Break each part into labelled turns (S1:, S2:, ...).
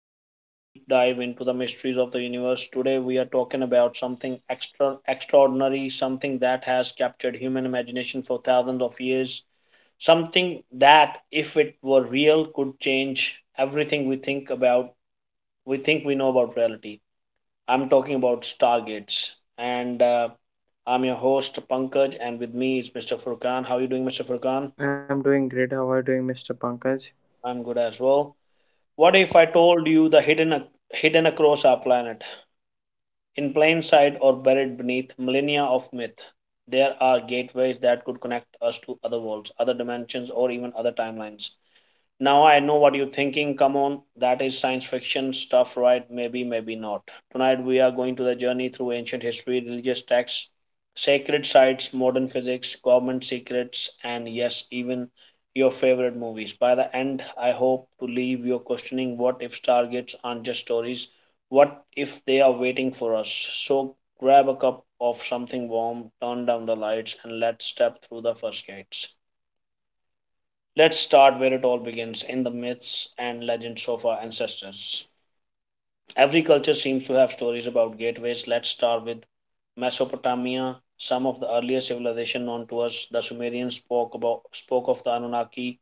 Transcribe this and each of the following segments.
S1: to another deep dive into the mysteries of the universe. Today, we are talking about something extraordinary, something that has captured human imagination for thousands of years, something that, if it were real, could change everything we think about. We think we know about reality. I'm talking about stargates. And I'm your host Pankaj, and with me is Mr. Furkan. How are you doing, Mr. Furkan?
S2: I'm doing great. How are you doing, Mr. Pankaj?
S1: I'm good as well. What if I told you the hidden across our planet, in plain sight or buried beneath millennia of myth? There are gateways that could connect us to other worlds, other dimensions, or even other timelines. Now I know what you're thinking. Come on, that is science fiction stuff, right? Maybe, maybe not. Tonight we are going to the journey through ancient history, religious texts, sacred sites, modern physics, government secrets, and yes, even your favorite movies. By the end, I hope to leave you questioning what if targets aren't just stories? What if they are waiting for us? So grab a cup of something warm, turn down the lights, and let's step through the first gates. Let's start where it all begins in the myths and legends of our ancestors. Every culture seems to have stories about gateways. Let's start with Mesopotamia, some of the earliest civilization known to us. The Sumerians spoke of the Anunnaki,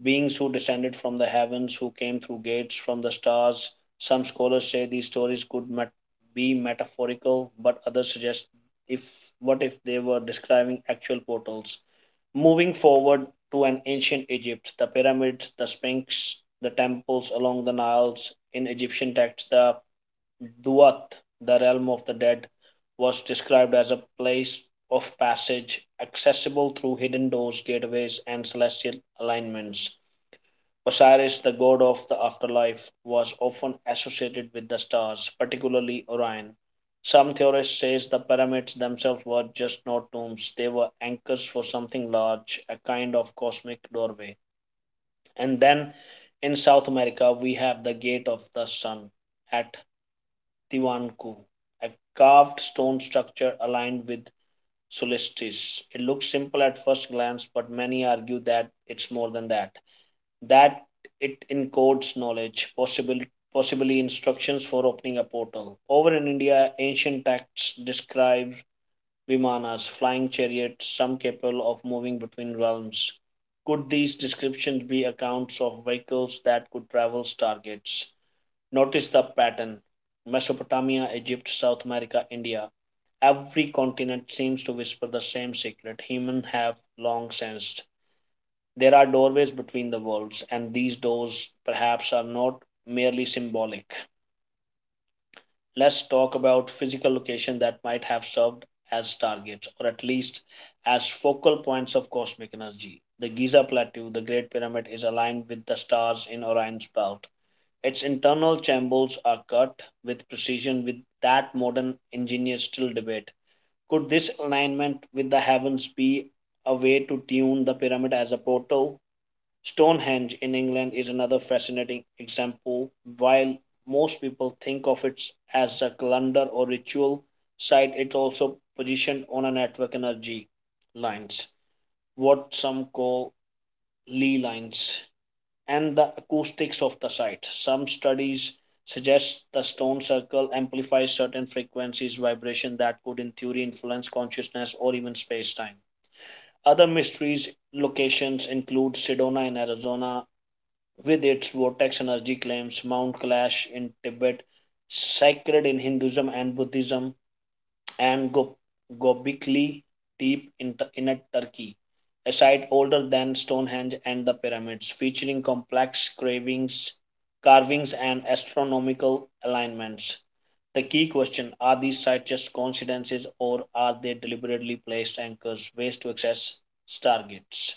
S1: beings who descended from the heavens, who came through gates from the stars. Some scholars say these stories could be metaphorical, but others suggest if what if they were describing actual portals. Moving forward to an ancient Egypt, the pyramids, the Sphinx, the temples along the Niles. In Egyptian texts, the Duat, the realm of the dead, was described as a place of passage accessible through hidden doors, gateways, and celestial alignments. Osiris, the god of the afterlife, was often associated with the stars, particularly Orion. Some theorists say the pyramids themselves were just not tombs, they were anchors for something large, a kind of cosmic doorway. And then in South America, we have the Gate of the Sun at Tiwanaku, a carved stone structure aligned with solstice. It looks simple at first glance, but many argue that it's more than that, it encodes knowledge, possibly instructions for opening a portal. Over in India, ancient texts describe vimanas, flying chariots, some capable of moving between realms. Could these descriptions be accounts of vehicles that could travel targets? Notice the pattern: Mesopotamia, Egypt, South America, India. Every continent seems to whisper the same secret: humans have long sensed there are doorways between the worlds, and these doors perhaps are not merely symbolic. Let's talk about physical locations that might have served as targets, or at least as focal points of cosmic energy. The Giza Plateau, the Great Pyramid, is aligned with the stars in Orion's belt. Its internal chambers are cut with precision with that modern engineers still debate. Could this alignment with the heavens be a way to tune the pyramid as a portal? Stonehenge in England is another fascinating example. While most people think of it as a calendar or ritual site, it's also positioned on a network energy lines, what some call Lee lines, and the acoustics of the site. Some studies suggest the stone circle amplifies certain frequencies vibration that could in theory influence consciousness or even space-time. Other mysteries locations include Sedona in Arizona, with its vortex energy claims, Mount Kailash in Tibet, sacred in Hinduism and Buddhism, and Göbekli Tepe in Turkey, a site older than Stonehenge and the pyramids, featuring complex carvings and astronomical alignments. The key question: are these sites just coincidences or are they deliberately placed anchors, ways to access stargates?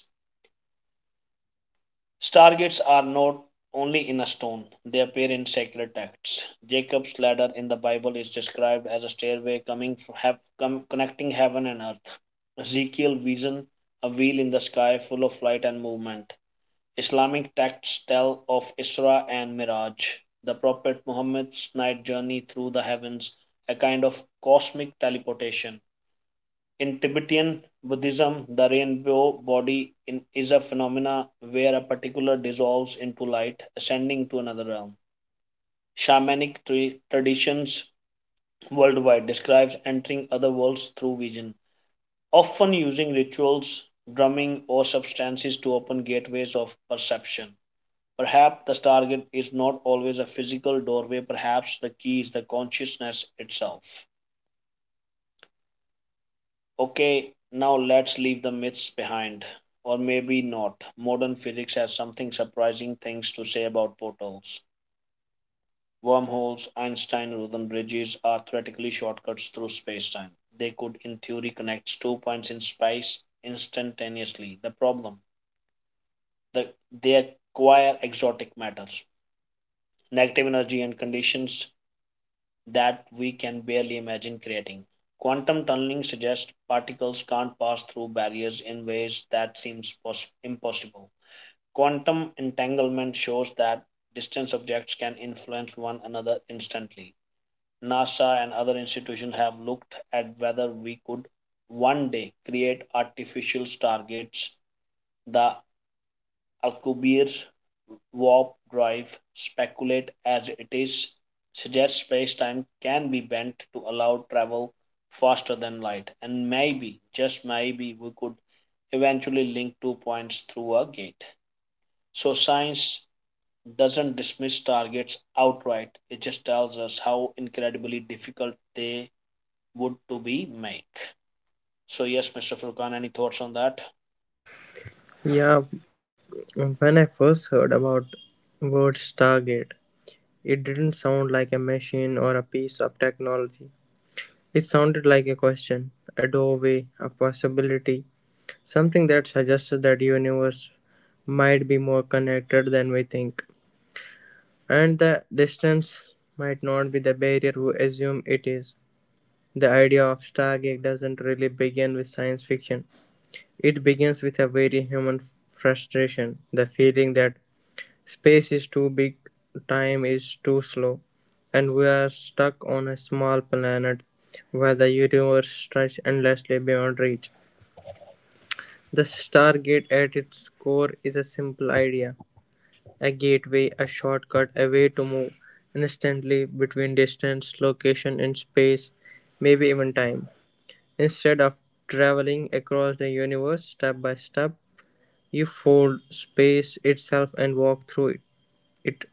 S1: Stargates are not only in a stone, they appear in sacred texts. Jacob's ladder in the Bible is described as a stairway connecting heaven and earth. Ezekiel's vision: a wheel in the sky full of light and movement. Islamic texts tell of Isra and Miraj, the Prophet Muhammad's night journey through the heavens, a kind of cosmic teleportation. In Tibetan Buddhism, the rainbow body is a phenomena where a particular dissolves into light, ascending to another realm. Shamanic traditions worldwide describes entering other worlds through vision, often using rituals, drumming, or substances to open gateways of perception. Perhaps the target is not always a physical doorway, perhaps the key is the consciousness itself. Okay, now let's leave the myths behind. Or maybe not. Modern physics has something surprising things to say about portals. Wormholes, Einstein Rosen bridges are theoretically shortcuts through spacetime. They could, in theory, connect two points in space instantaneously. The problem: the, they acquire exotic matters, negative energy, and conditions that we can barely imagine creating. Quantum tunneling suggests particles can't pass through barriers in ways that seems impossible. Quantum entanglement shows that distant objects can influence one another instantly. NASA and other institutions have looked at whether we could one day create artificial stargates, the Alcubierre's warp drive speculate as it is suggests space-time can be bent to allow travel faster than light. And maybe just maybe we could eventually link two points through a gate. So science doesn't dismiss targets outright, it just tells us how incredibly difficult they would to be make. So yes, Mr. Furkan, any thoughts on that?
S2: Yeah, when I first heard about word Stargate, it didn't sound like a machine or a piece of technology. It sounded like a question, a doorway, a possibility, something that suggested that universe might be more connected than we think, and the distance might not be the barrier we assume it is. The idea of Stargate doesn't really begin with science fiction. It begins with a very human frustration, the feeling that space is too big, time is too slow, and we are stuck on a small planet where the universe stretches endlessly beyond reach. The Stargate at its core is a simple idea, a gateway, a shortcut, a way to move instantly between distance, location in space, maybe even time. Instead of traveling across the universe step by step, you fold space itself and walk through it.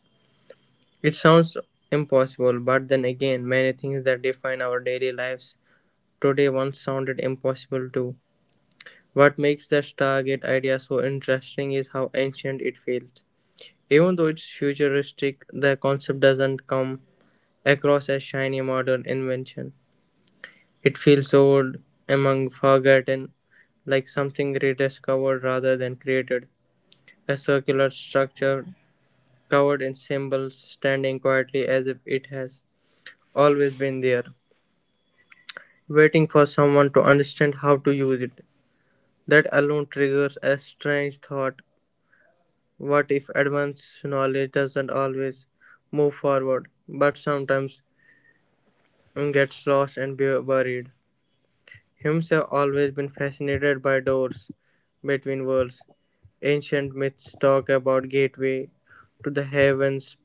S2: It sounds impossible, but then again, many things that define our daily lives today once sounded impossible too. What makes the Stargate idea so interesting is how ancient it feels. Even though it's futuristic, the concept doesn't come across as shiny modern invention. It feels old, among forgotten, like something rediscovered rather than created. A circular structure covered in symbols, standing quietly as if it has always been there, waiting for someone to understand how to use it. That alone triggers a strange thought. What if advanced knowledge doesn't always move forward, but sometimes gets lost and buried? Humans have always been fascinated by doors between worlds. Ancient myths talk about gateway to the heavens,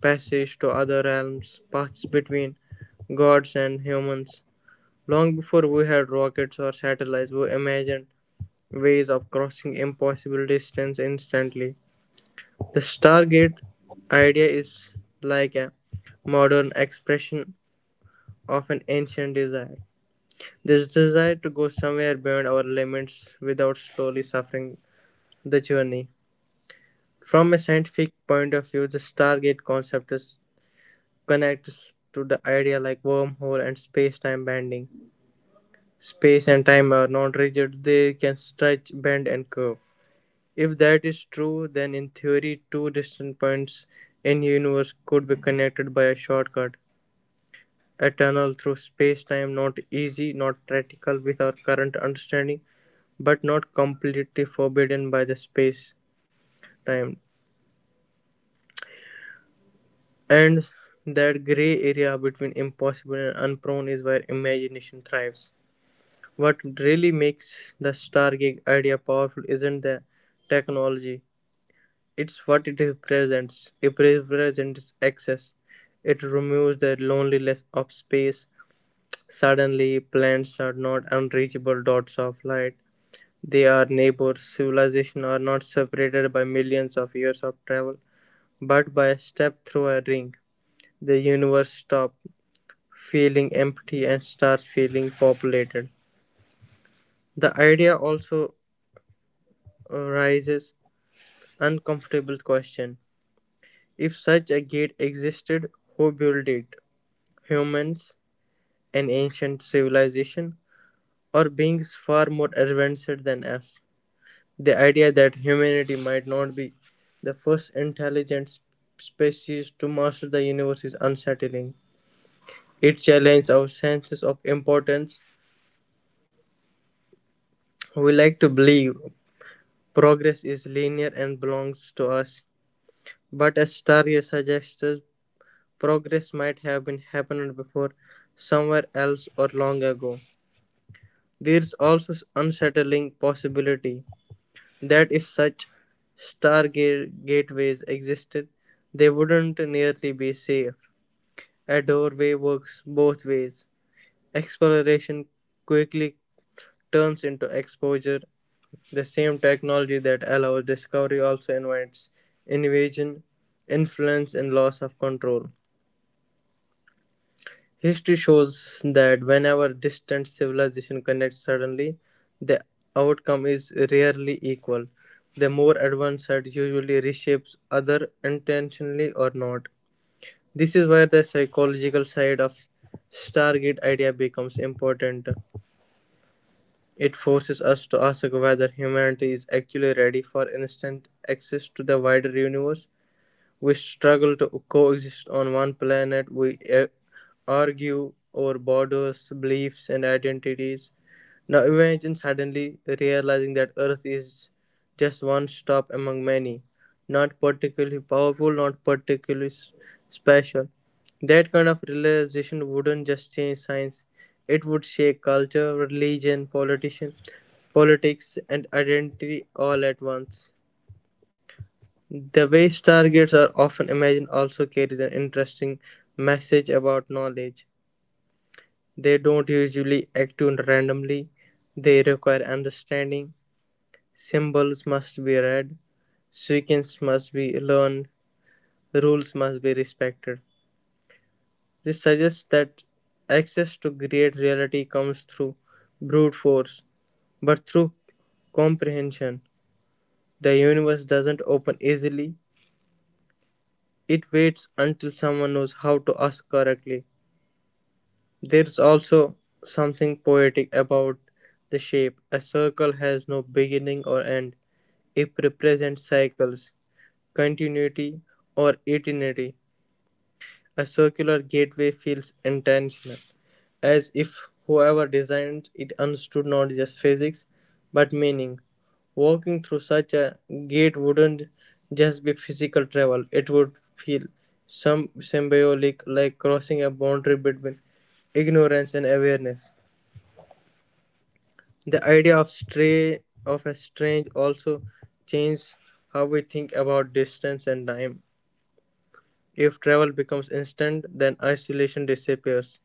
S2: passage to other realms, paths between gods and humans. Long before we had rockets or satellites, we imagined ways of crossing impossible distance instantly. The Stargate idea is like a modern expression of an ancient desire. This desire to go somewhere beyond our limits without slowly suffering the journey. From a scientific point of view, the Stargate concept is connects to the idea like wormhole and space-time bending. Space and time are not rigid, they can stretch, bend and curve. If that is true, then in theory two distant points in the universe could be connected by a shortcut. A tunnel through space-time, not easy, not practical with our current understanding, but not completely forbidden by the space-time. And that gray area between impossible and unprone is where imagination thrives. What really makes the Stargate idea powerful isn't the technology, it's what it represents. It represents access. It removes the loneliness of space. Suddenly, planets are not unreachable dots of light. They are neighbors. Civilization are not separated by millions of years of travel, but by a step through a ring. The universe stops feeling empty and starts feeling populated. The idea also rises uncomfortable question. If such a gate existed, who built it? Humans, an ancient civilization, or beings far more advanced than us? The idea that humanity might not be the first intelligent species to master the universe is unsettling. It challenges our senses of importance. We like to believe progress is linear and belongs to us, but as Starrier suggests, progress might have been happened before, somewhere else, or long ago. There is also unsettling possibility that if such gateways existed, they wouldn't nearly be safe. A doorway works both ways. Exploration quickly turns into exposure. The same technology that allows discovery also invites invasion, influence, and loss of control. History shows that whenever distant civilizations connect suddenly, the outcome is rarely equal. The more advanced side usually reshapes other intentionally or not. This is where the psychological side of Stargate idea becomes important. It forces us to ask whether humanity is actually ready for instant access to the wider universe. We struggle to coexist on one planet, we argue over borders, beliefs, and identities. Now imagine suddenly realizing that Earth is just one stop among many, not particularly powerful, not particularly special. That kind of realization wouldn't just change science, it would shake culture, religion, politician, politics, and identity all at once. The way stargates are often imagined also carries an interesting message about knowledge. They don't usually act too randomly, they require understanding. Symbols must be read, sequence must be learned, rules must be respected. This suggests that access to great reality comes through brute force, but through comprehension. The universe doesn't open easily, it waits until someone knows how to ask correctly. There's also something poetic about the shape: a circle has no beginning or end; it represents cycles, continuity, or eternity. A circular gateway feels intentional, as if whoever designed it understood not just physics but meaning. Walking through such a gate wouldn't just be physical travel, it would feel some symbolic, like crossing a boundary between ignorance and awareness. The idea of stray of a strange also changes how we think about distance and time. If travel becomes instant, then isolation disappears.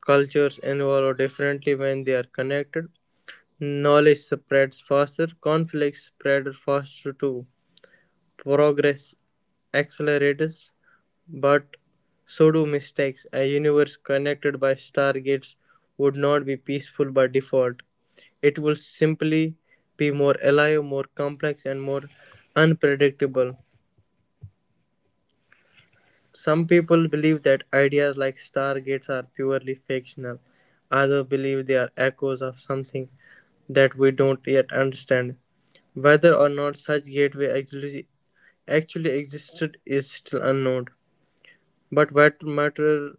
S2: Cultures evolve differently when they are connected. Knowledge spreads faster, conflicts spread faster too. Progress accelerates, but so do mistakes. A universe connected by stargates would not be peaceful by default. It will simply be more alive, more complex, and more unpredictable. Some people believe that ideas like stargates are purely fictional, others believe they are echoes of something that we don't yet understand. Whether or not such gateway actually existed is still unknown. But what matters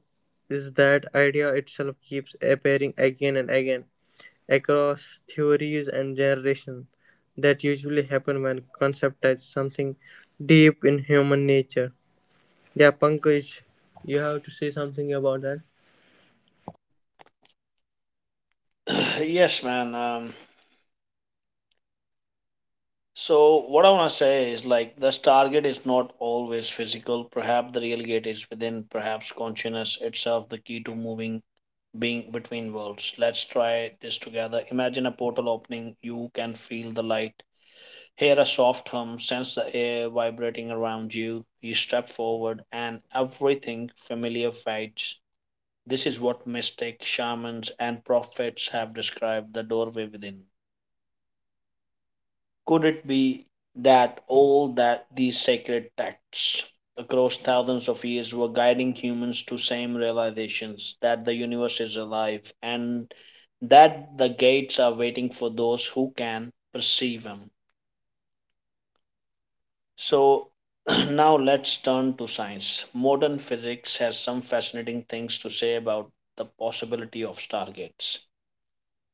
S2: is that idea itself keeps appearing again and again across theories and generations that usually happen when concept touch something deep in human nature. Yeah, Pankaj, you have to say something about that.
S1: Yes, man. So what I want to say is like this target is not always physical. Perhaps the real gate is within. Perhaps consciousness itself, the key to moving being between worlds. Let's try this together. Imagine a portal opening. You can feel the light, hear a soft hum, sense the air vibrating around you. You step forward, and everything familiar fades. This is what mystics, shamans and prophets have described: the doorway within. Could it be that all that these sacred texts across thousands of years were guiding humans to same realizations that the universe is alive and that the gates are waiting for those who can perceive them? So now let's turn to science. Modern physics has some fascinating things to say about the possibility of stargates.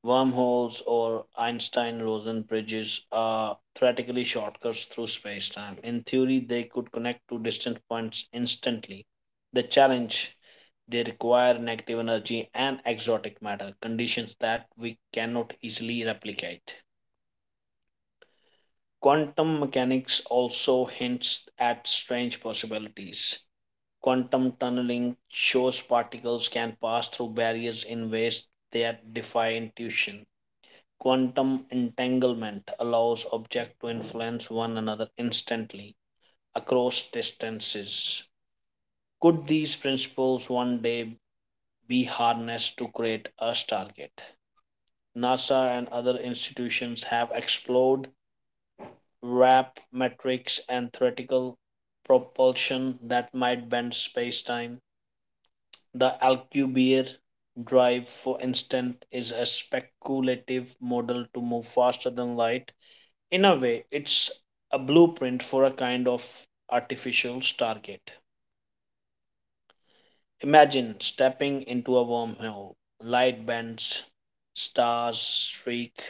S1: Wormholes or Einstein-Rosen bridges are theoretically shortcuts through spacetime. In theory, they could connect two distant points instantly. The challenge: they require negative energy and exotic matter, conditions that we cannot easily replicate. Quantum mechanics also hints at strange possibilities. Quantum tunneling shows particles can pass through barriers in ways that defy intuition. Quantum entanglement allows objects to influence one another instantly across distances. Could these principles one day be harnessed to create a Stargate? NASA and other institutions have explored warp metrics and theoretical propulsion that might bend space-time. The Alcubierre drive, for instance, is a speculative model to move faster than light. In a way, it's a blueprint for a kind of artificial Stargate. Imagine stepping into a wormhole, light bends, stars streak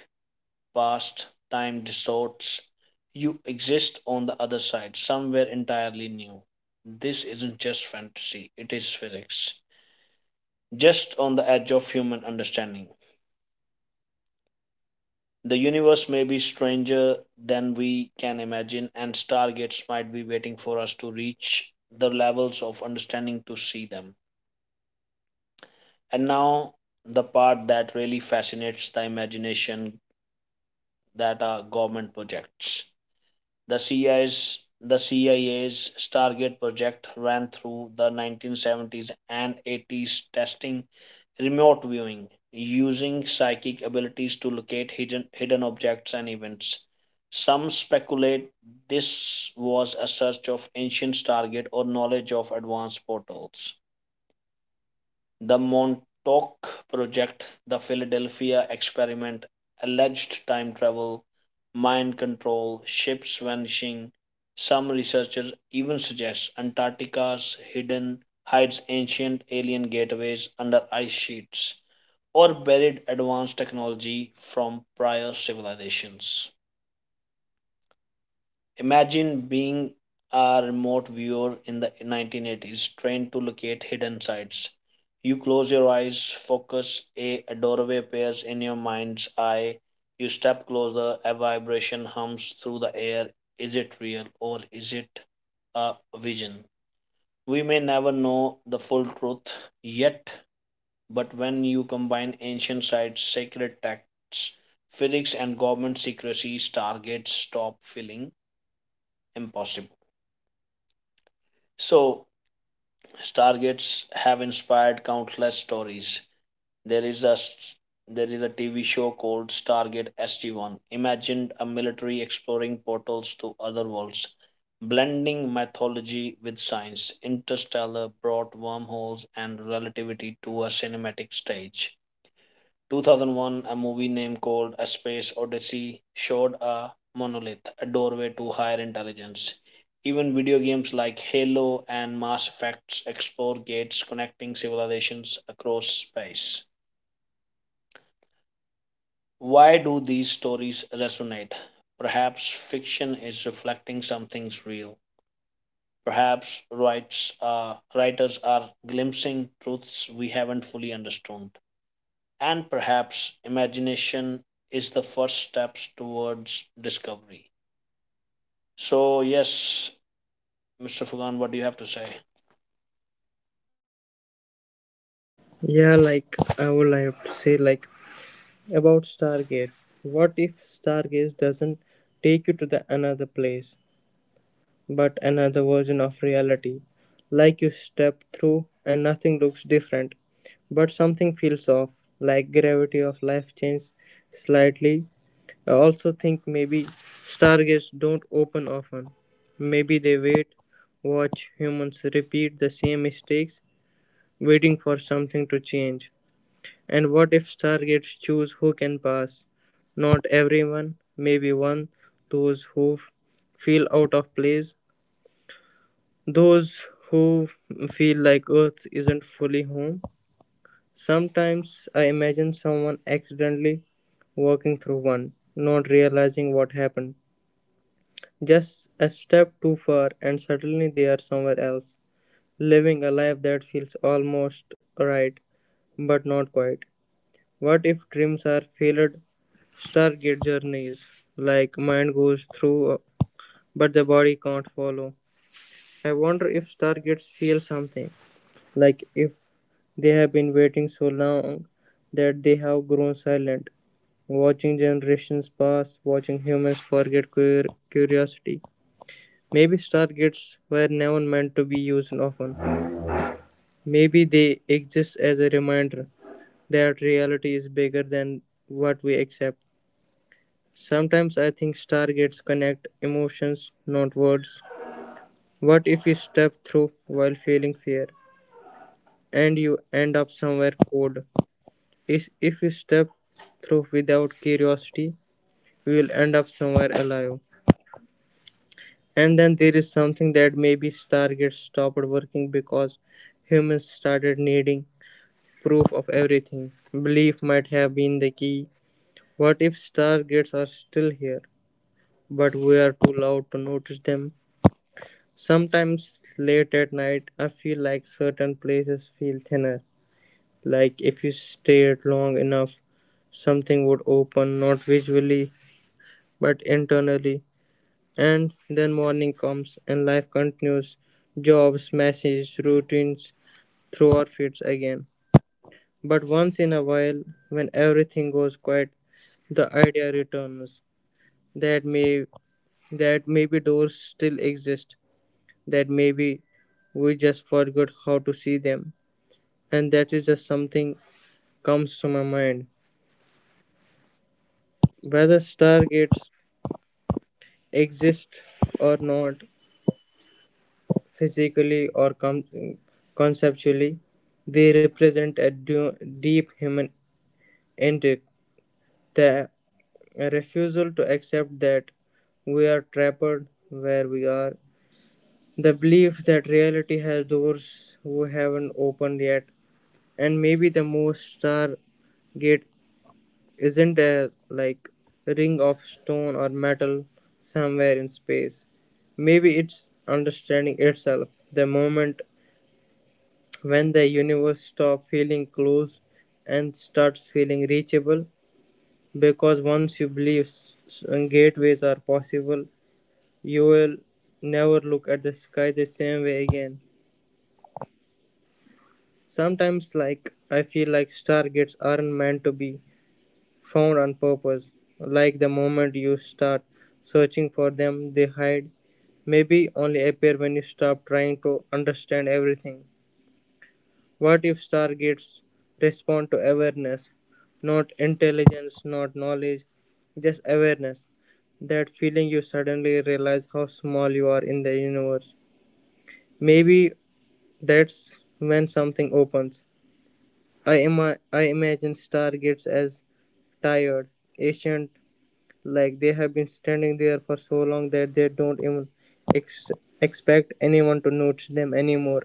S1: past, time distorts. You exist on the other side, somewhere entirely new. This isn't just fantasy, it is physics, just on the edge of human understanding. The universe may be stranger than we can imagine, and stargates might be waiting for us to reach the levels of understanding to see them. And now, the part that really fascinates the imagination that are government projects. The CIA's Stargate project ran through the 1970s and 80s, testing remote viewing using psychic abilities to locate hidden objects and events. Some speculate this was a search of ancient target or knowledge of advanced portals. The Montauk Project, the Philadelphia Experiment, alleged time travel, mind control, ships vanishing. Some researchers even suggest Antarctica's hidden hides ancient alien gateways under ice sheets or buried advanced technology from prior civilizations. Imagine being a remote viewer in the 1980s, trained to locate hidden sites. You close your eyes, focus. A doorway appears in your mind's eye. You step closer, a vibration hums through the air. Is it real or is it a vision? We may never know the full truth yet, but when you combine ancient sites, sacred texts, physics, and government secrecy, stargates stop feeling impossible. So, Stargates have inspired countless stories. There is a there is a TV show called Stargate SG-1. Imagined a military exploring portals to other worlds, blending mythology with science. Interstellar brought wormholes and relativity to a cinematic stage. 2001, a movie named called A Space Odyssey showed a monolith, a doorway to higher intelligence. Even video games like Halo and Mass Effect explore gates connecting civilizations across space. Why do these stories resonate? Perhaps fiction is reflecting something's real. Perhaps writers are glimpsing truths we haven't fully understood. And perhaps imagination is the first steps towards discovery. So, yes, Mr. Fugan, what do you have to say?
S2: Yeah, like I would like to say like about Stargates. What if Stargates doesn't take you to the another place, but another version of reality? Like you step through and nothing looks different, but something feels off, like gravity of life changes slightly. I also think maybe stargates don't open often. Maybe they wait, watch humans repeat the same mistakes, waiting for something to change. And what if stargates choose who can pass? Not everyone, maybe one, those who feel out of place, those who feel like Earth isn't fully home. Sometimes I imagine someone accidentally walking through one, not realizing what happened. Just a step too far, and suddenly they are somewhere else, living a life that feels almost right, but not quite. What if dreams are failed Stargate journeys, like mind goes through, but the body can't follow? I wonder if Stargates feel something, like if they have been waiting so long that they have grown silent, watching generations pass, watching humans forget curiosity. Maybe stargates were never meant to be used often. Maybe they exist as a reminder that reality is bigger than what we accept. Sometimes I think stargates connect emotions, not words. What if you step through while feeling fear and you end up somewhere cold? Is if you step through without curiosity, you will end up somewhere alive. And then there is something that maybe stargates stopped working because humans started needing proof of everything. Belief might have been the key. What if stargates are still here, but we are too loud to notice them? Sometimes late at night, I feel like certain places feel thinner. Like if you stared long enough, something would open, not visually, but internally. And then morning comes and life continues. Jobs, messages, routines through our feeds again. But once in a while, when everything goes quiet, the idea returns that may that maybe doors still exist, that maybe we just forgot how to see them, and that is just something comes to my mind. Whether stargates exist or not, physically or conceptually, they represent a deep human intent. The a refusal to accept that we are trapped where we are, the belief that reality has doors we haven't opened yet, and maybe the most stargate isn't a like ring of stone or metal somewhere in space. Maybe it's understanding itself, the moment when the universe stops feeling close and starts feeling reachable because once you believe gateways are possible, you'll never look at the sky the same way again. Sometimes like I feel like stargates aren't meant to be found on purpose. Like the moment you start searching for them, they hide. Maybe only appear when you stop trying to understand everything. What if stargates respond to awareness? Not intelligence, not knowledge, just awareness. That feeling you suddenly realize how small you are in the universe. Maybe that's when something opens. I imagine stargates as tired, ancient, like they have been standing there for so long that they don't even ex- expect anyone to notice them anymore.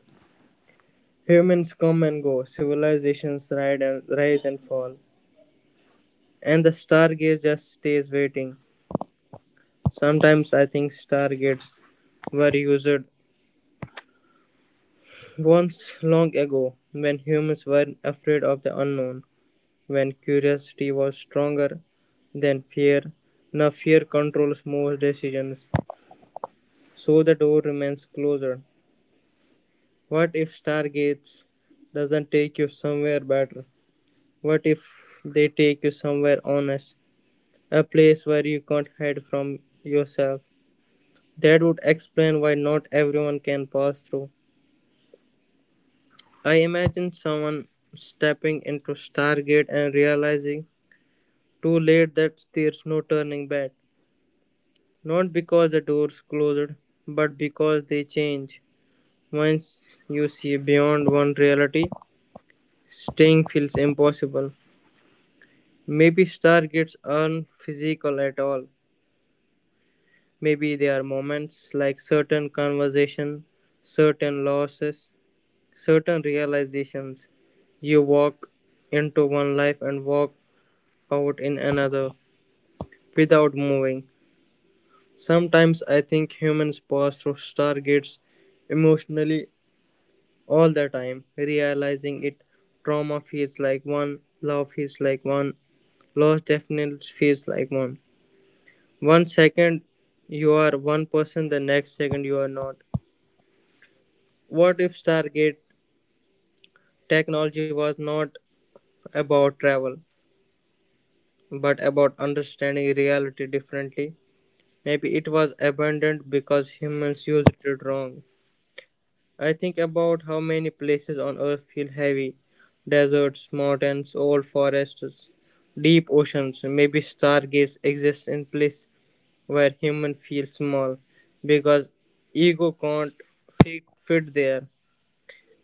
S2: Humans come and go, civilizations ride and rise and fall, and the stargate just stays waiting. Sometimes I think stargates were used once long ago when humans were afraid of the unknown. When curiosity was stronger than fear, now fear controls most decisions, so the door remains closed. What if Stargates doesn't take you somewhere better? What if they take you somewhere honest? A place where you can't hide from yourself. That would explain why not everyone can pass through. I imagine someone stepping into Stargate and realizing too late that there's no turning back. Not because the doors closed, but because they change. Once you see beyond one reality, staying feels impossible. Maybe stargates aren't physical at all. Maybe they are moments like certain conversation, certain losses, certain realizations. You walk into one life and walk out in another without moving. Sometimes I think humans pass through stargates emotionally all the time, realizing it. Trauma feels like one, love feels like one, loss definitely feels like one. One second you are one person, the next second you are not. What if Stargate technology was not about travel, but about understanding reality differently? Maybe it was abandoned because humans used it wrong. I think about how many places on earth feel heavy deserts, mountains, old forests, deep oceans. Maybe stargates exist in place where humans feel small because ego can't fit there.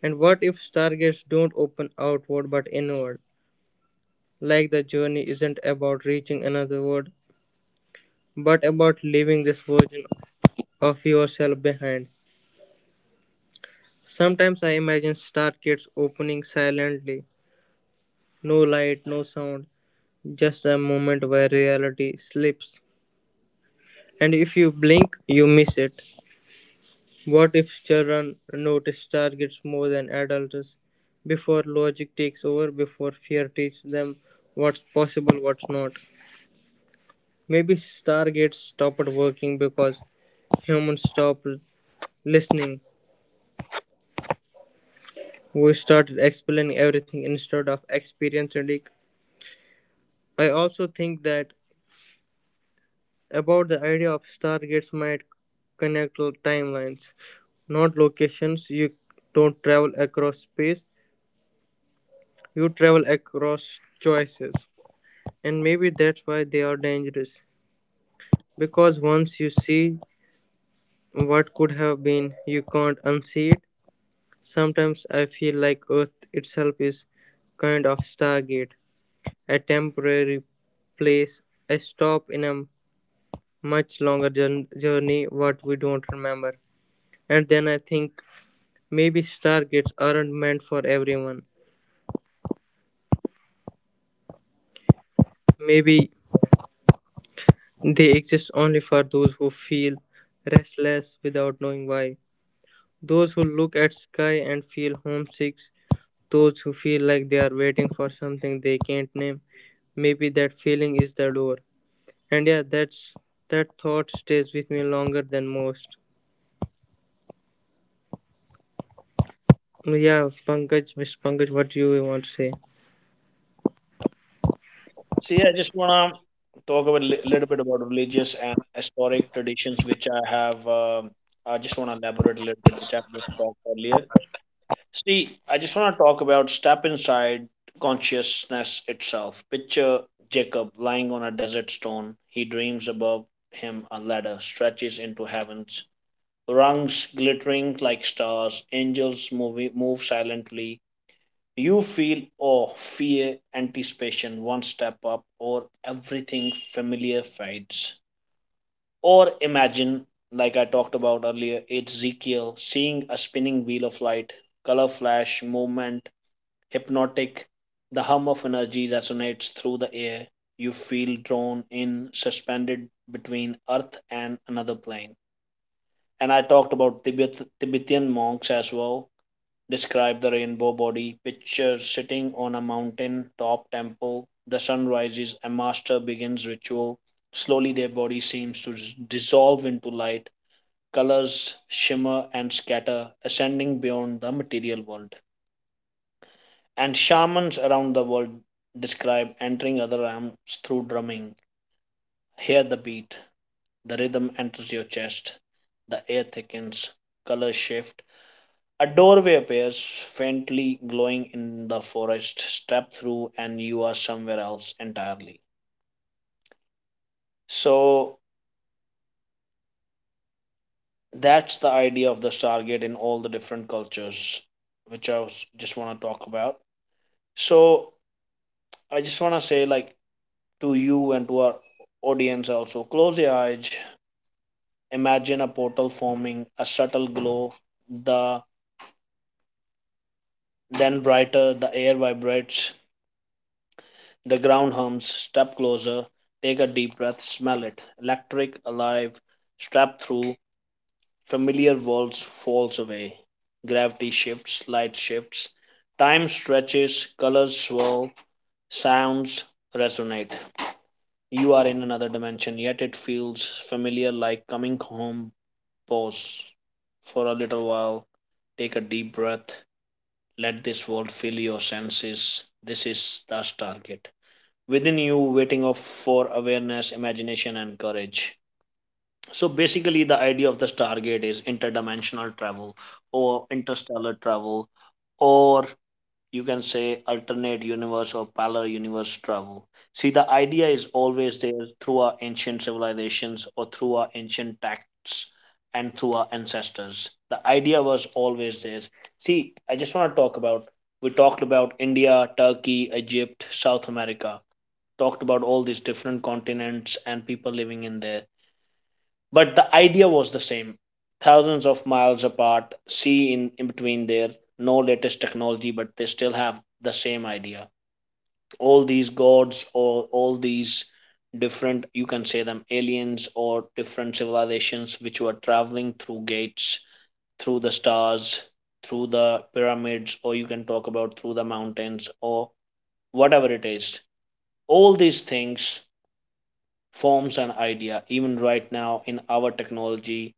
S2: And what if stargates don't open outward but inward? Like the journey isn't about reaching another world, but about leaving this version of yourself behind. Sometimes I imagine stargates opening silently. No light, no sound, just a moment where reality slips. And if you blink, you miss it. What if children notice targets more than adults? Before logic takes over, before fear teaches them what's possible, what's not. Maybe Stargates stopped working because humans stopped listening. We started explaining everything instead of experiencing it. I also think that about the idea of stargates might connect timelines not locations. You don't travel across space, you travel across choices. And maybe that's why they are dangerous, because once you see what could have been, you can't unsee it. Sometimes I feel like earth itself is kind of stargate, a temporary place, a stop in a much longer journey what we don't remember. And then I think, maybe stargates aren't meant for everyone. Maybe they exist only for those who feel restless without knowing why. Those who look at sky and feel homesick, those who feel like they are waiting for something they can't name. Maybe that feeling is the door. And yeah, that thought stays with me longer than most. Yeah, Pankaj, Mr. Pankaj, what do you want to say?
S1: See, I just want to talk about a little bit about religious and historic traditions, which I have. I just want to elaborate a little bit, which I just talked earlier. See, I just want to talk about step inside consciousness itself. Picture Jacob lying on a desert stone. He dreams above him a ladder stretches into heavens rungs glittering like stars, angels move silently. You feel awe, fear, anticipation, one step up, or everything familiar fades. Or imagine, like I talked about earlier, it's Ezekiel seeing a spinning wheel of light, color flash, movement, hypnotic. The hum of energy resonates through the air. You feel drawn in, suspended between Earth and another plane. And I talked about Tibet, Tibetan monks as well. Describe the rainbow body, picture sitting on a mountain top temple. The sun rises, a master begins ritual. Slowly, their body seems to dissolve into light. Colors shimmer and scatter, ascending beyond the material world. And shamans around the world describe entering other realms through drumming. Hear the beat, the rhythm enters your chest, the air thickens, colors shift, a doorway appears, faintly glowing in the forest. Step through, and you are somewhere else entirely. So that's the idea of the Stargate in all the different cultures, which just want to talk about. So I just want to say, like, to you and to our audience also, close your eyes, imagine a portal forming, a subtle glow, the then brighter, the air vibrates. The ground hums. Step closer. Take a deep breath. Smell it. Electric, alive. Strap through. Familiar walls falls away. Gravity shifts. Light shifts. Time stretches. Colors swirl. Sounds resonate. You are in another dimension, yet it feels familiar like coming home. Pause for a little while. Take a deep breath. Let this world fill your senses. This is the Stargate within you, waiting of for awareness, imagination, and courage. So basically the idea of the stargate is interdimensional travel or interstellar travel, or you can say alternate universe or parallel universe travel. See, the idea is always there through our ancient civilizations or through our ancient texts, and through our ancestors the idea was always there. See, I just want to talk about, we talked about india, turkey, egypt, south america, talked about all these different continents and people living in there. But the idea was the same, thousands of miles apart, sea in between there, no latest technology, but they still have the same idea. All these gods, or all these different, you can say them aliens or different civilizations which were traveling through gates, through the stars, through the pyramids, or you can talk about through the mountains or whatever it is. All these things forms an idea even right now in our technology,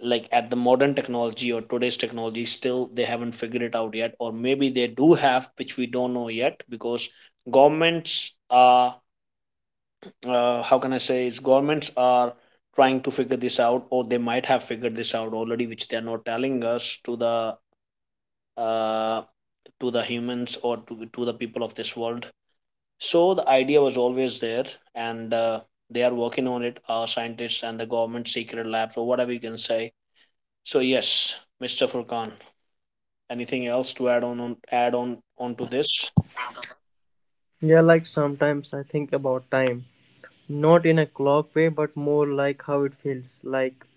S1: like at the modern technology or today's technology, still they haven't figured it out yet, or maybe they do have which we don't know yet, because governments are, how can I say, is governments are trying to figure this out, or they might have figured this out already which they are not telling us uh, to the humans, or to the people of this world. So the idea was always there, and they are working on it, our scientists and the government secret labs, or whatever you can say. So yes, Mr. Furkan, anything else to add on, onto this?
S2: Yeah, like sometimes I think about time. Not in a clock way, but more like how it feels, like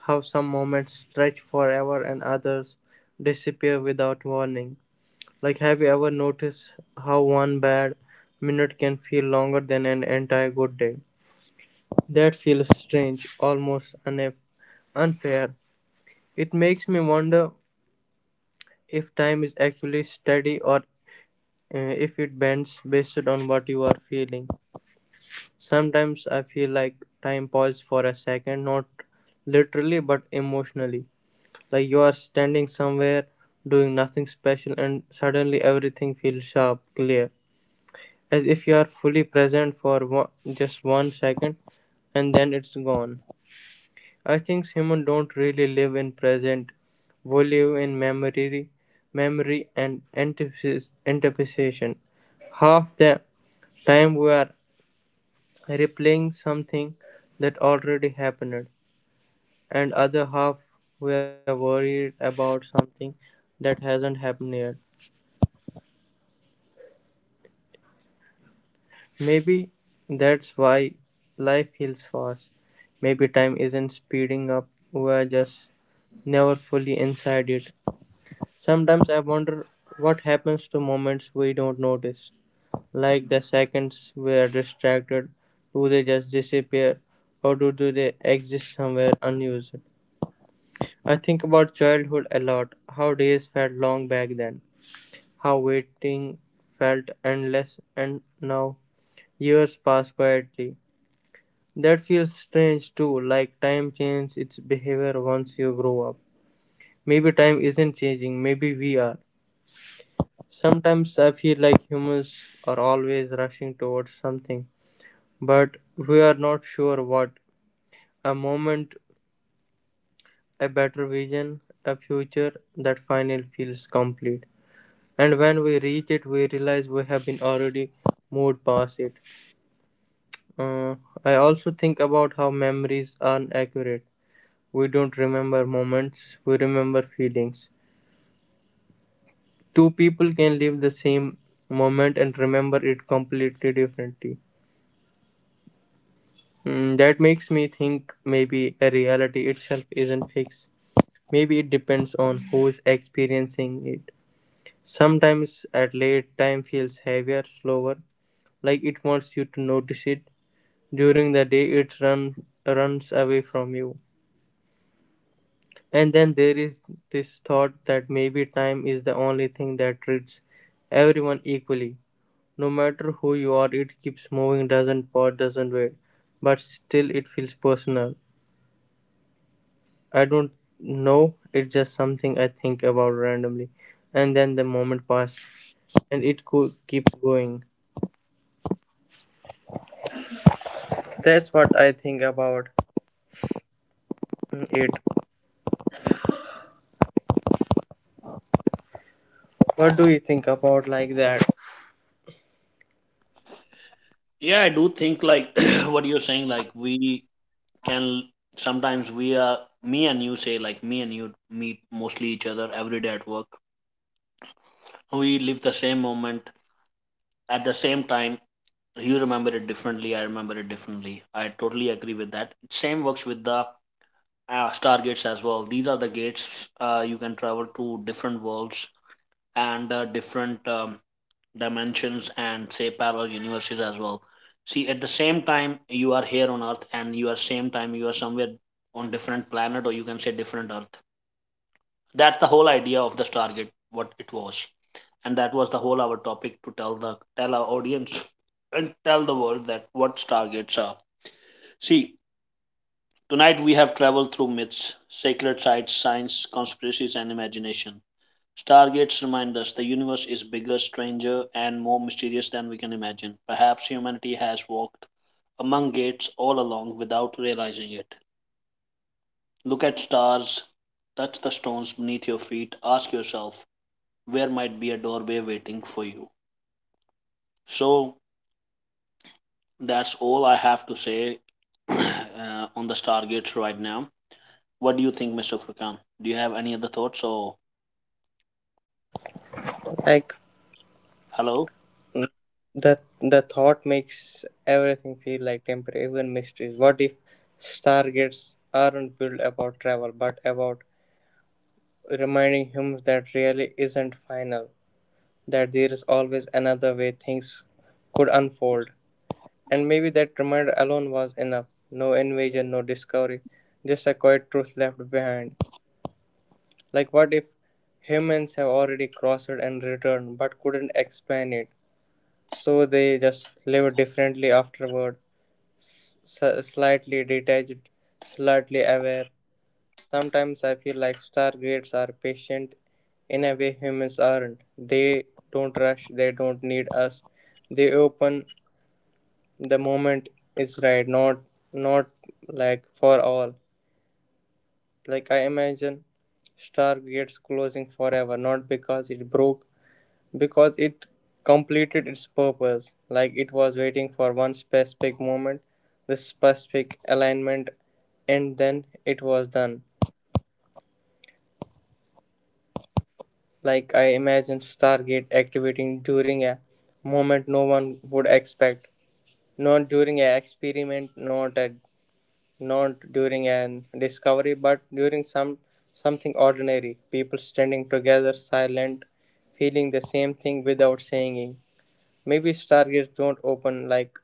S2: how some moments stretch forever and others disappear without warning. Like, have you ever noticed how one bad minute can feel longer than an entire good day? That feels strange, almost unfair. It makes me wonder if time is actually steady or uh, if it bends based on what you are feeling. Sometimes I feel like time paused for a second, not literally but emotionally. Like you are standing somewhere doing nothing special and suddenly everything feels sharp, clear. As if you are fully present for one, just one second, and then it's gone. I think humans don't really live in present. We live in memory, memory and anticipation. Half the time we are replaying something that already happened, and other half were worried about something that hasn't happened yet. Maybe that's why life feels fast. Maybe time isn't speeding up, we're just never fully inside it. Sometimes I wonder what happens to moments we don't notice. Like the seconds we are distracted, do they just disappear or do they exist somewhere unused? I think about childhood a lot, how days felt long back then, how waiting felt endless, and now years pass quietly. That feels strange too, like time changes its behavior once you grow up. Maybe time isn't changing, maybe we are. Sometimes I feel like humans are always rushing towards something, but we are not sure what. A moment, a better vision, a future that finally feels complete. And when we reach it we realize we have been already moved past it. uh, I also think about how memories aren't accurate. We don't remember moments, we remember feelings. Two people can live the same moment and remember it completely differently. Mm, that makes me think maybe a reality itself isn't fixed, maybe it depends on who's experiencing it. Sometimes at late time feels heavier, slower, like it wants you to notice it. During the day it runs away from you. And then there is this thought that maybe time is the only thing that treats everyone equally. No matter who you are, it keeps moving, doesn't pause, doesn't wait. But still, it feels personal. I don't know, it's just something I think about randomly. And then the moment passes, and it keeps going. That's what I think about it. What do you think about like that?
S1: Yeah, I do think like what you're saying, like we can, sometimes we are, me and you say like me and you meet mostly each other every day at work. We live the same moment at the same time. You remember it differently. I remember it differently. I totally agree with that. Same works with the stargates as well. These are the gates, you can travel to different worlds and different dimensions and say parallel universes as well. See, at the same time you are here on Earth, and you are same time you are somewhere on different planet, or you can say different Earth. That's the whole idea of the Stargate, what it was, and that was the whole our topic to tell the tell our audience and tell the world that what Stargates are. See, tonight we have traveled through myths, sacred sites, science, conspiracies, and imagination. Stargates remind us the universe is bigger, stranger, and more mysterious than we can imagine. Perhaps humanity has walked among gates all along without realizing it. Look at stars, touch the stones beneath your feet, ask yourself, where might be a doorway waiting for you? So that's all I have to say on the Stargates right now. What do you think, Mr. Furkan? Do you have any other thoughts or?
S2: Like,
S1: Hello.
S2: mm, The the thought makes everything feel like temporary, even mysteries. What if stargates aren't built about travel, but about reminding humans that really isn't final, that there is always another way things could unfold. And maybe that reminder alone was enough. No invasion, no discovery, just a quiet truth left behind. Like what if humans have already crossed and returned, but couldn't explain it? So they just lived differently afterward, slightly detached, slightly aware. Sometimes I feel like stargates are patient in a way humans aren't. They don't rush, they don't need us. They open the moment is right, not like for all. Like I imagine stargates closing forever, not because it broke, because it completed its purpose, like it was waiting for one specific moment, this specific alignment, and then it was done. Like I imagined Stargate activating during a moment no one would expect, not during an experiment, not during an discovery, but during some something ordinary. People standing together, silent, feeling the same thing without saying it. Maybe stargates don't open like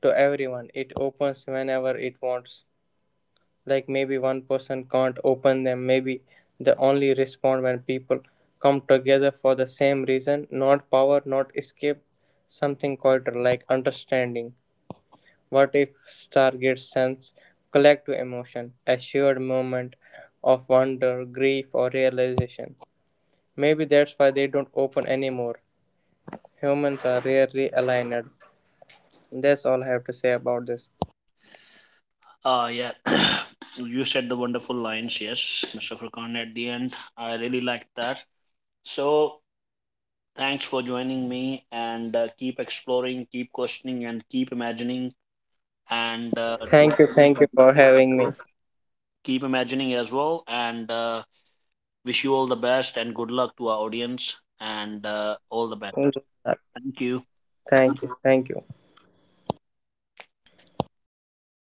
S2: to everyone. It opens whenever it wants. Like maybe one person can't open them. Maybe they only respond when people come together for the same reason, not power, not escape, something quieter like understanding. What if Stargate sends collective emotion, a shared moment of wonder, grief, or realization? Maybe that's why they don't open anymore. Humans are rarely aligned. That's all I have to say about this.
S1: Yeah, you said the wonderful lines. Yes, Mr. Furkan at the end. I really liked that. So, thanks for joining me and keep exploring, keep questioning, and keep imagining. And to our audience
S2: Thank
S1: out
S2: you for
S1: there,
S2: having me.
S1: keep imagining as well. And wish you all the best and good luck to our audience and all the best.
S2: Thank
S1: Thank you.
S2: you. Thank you.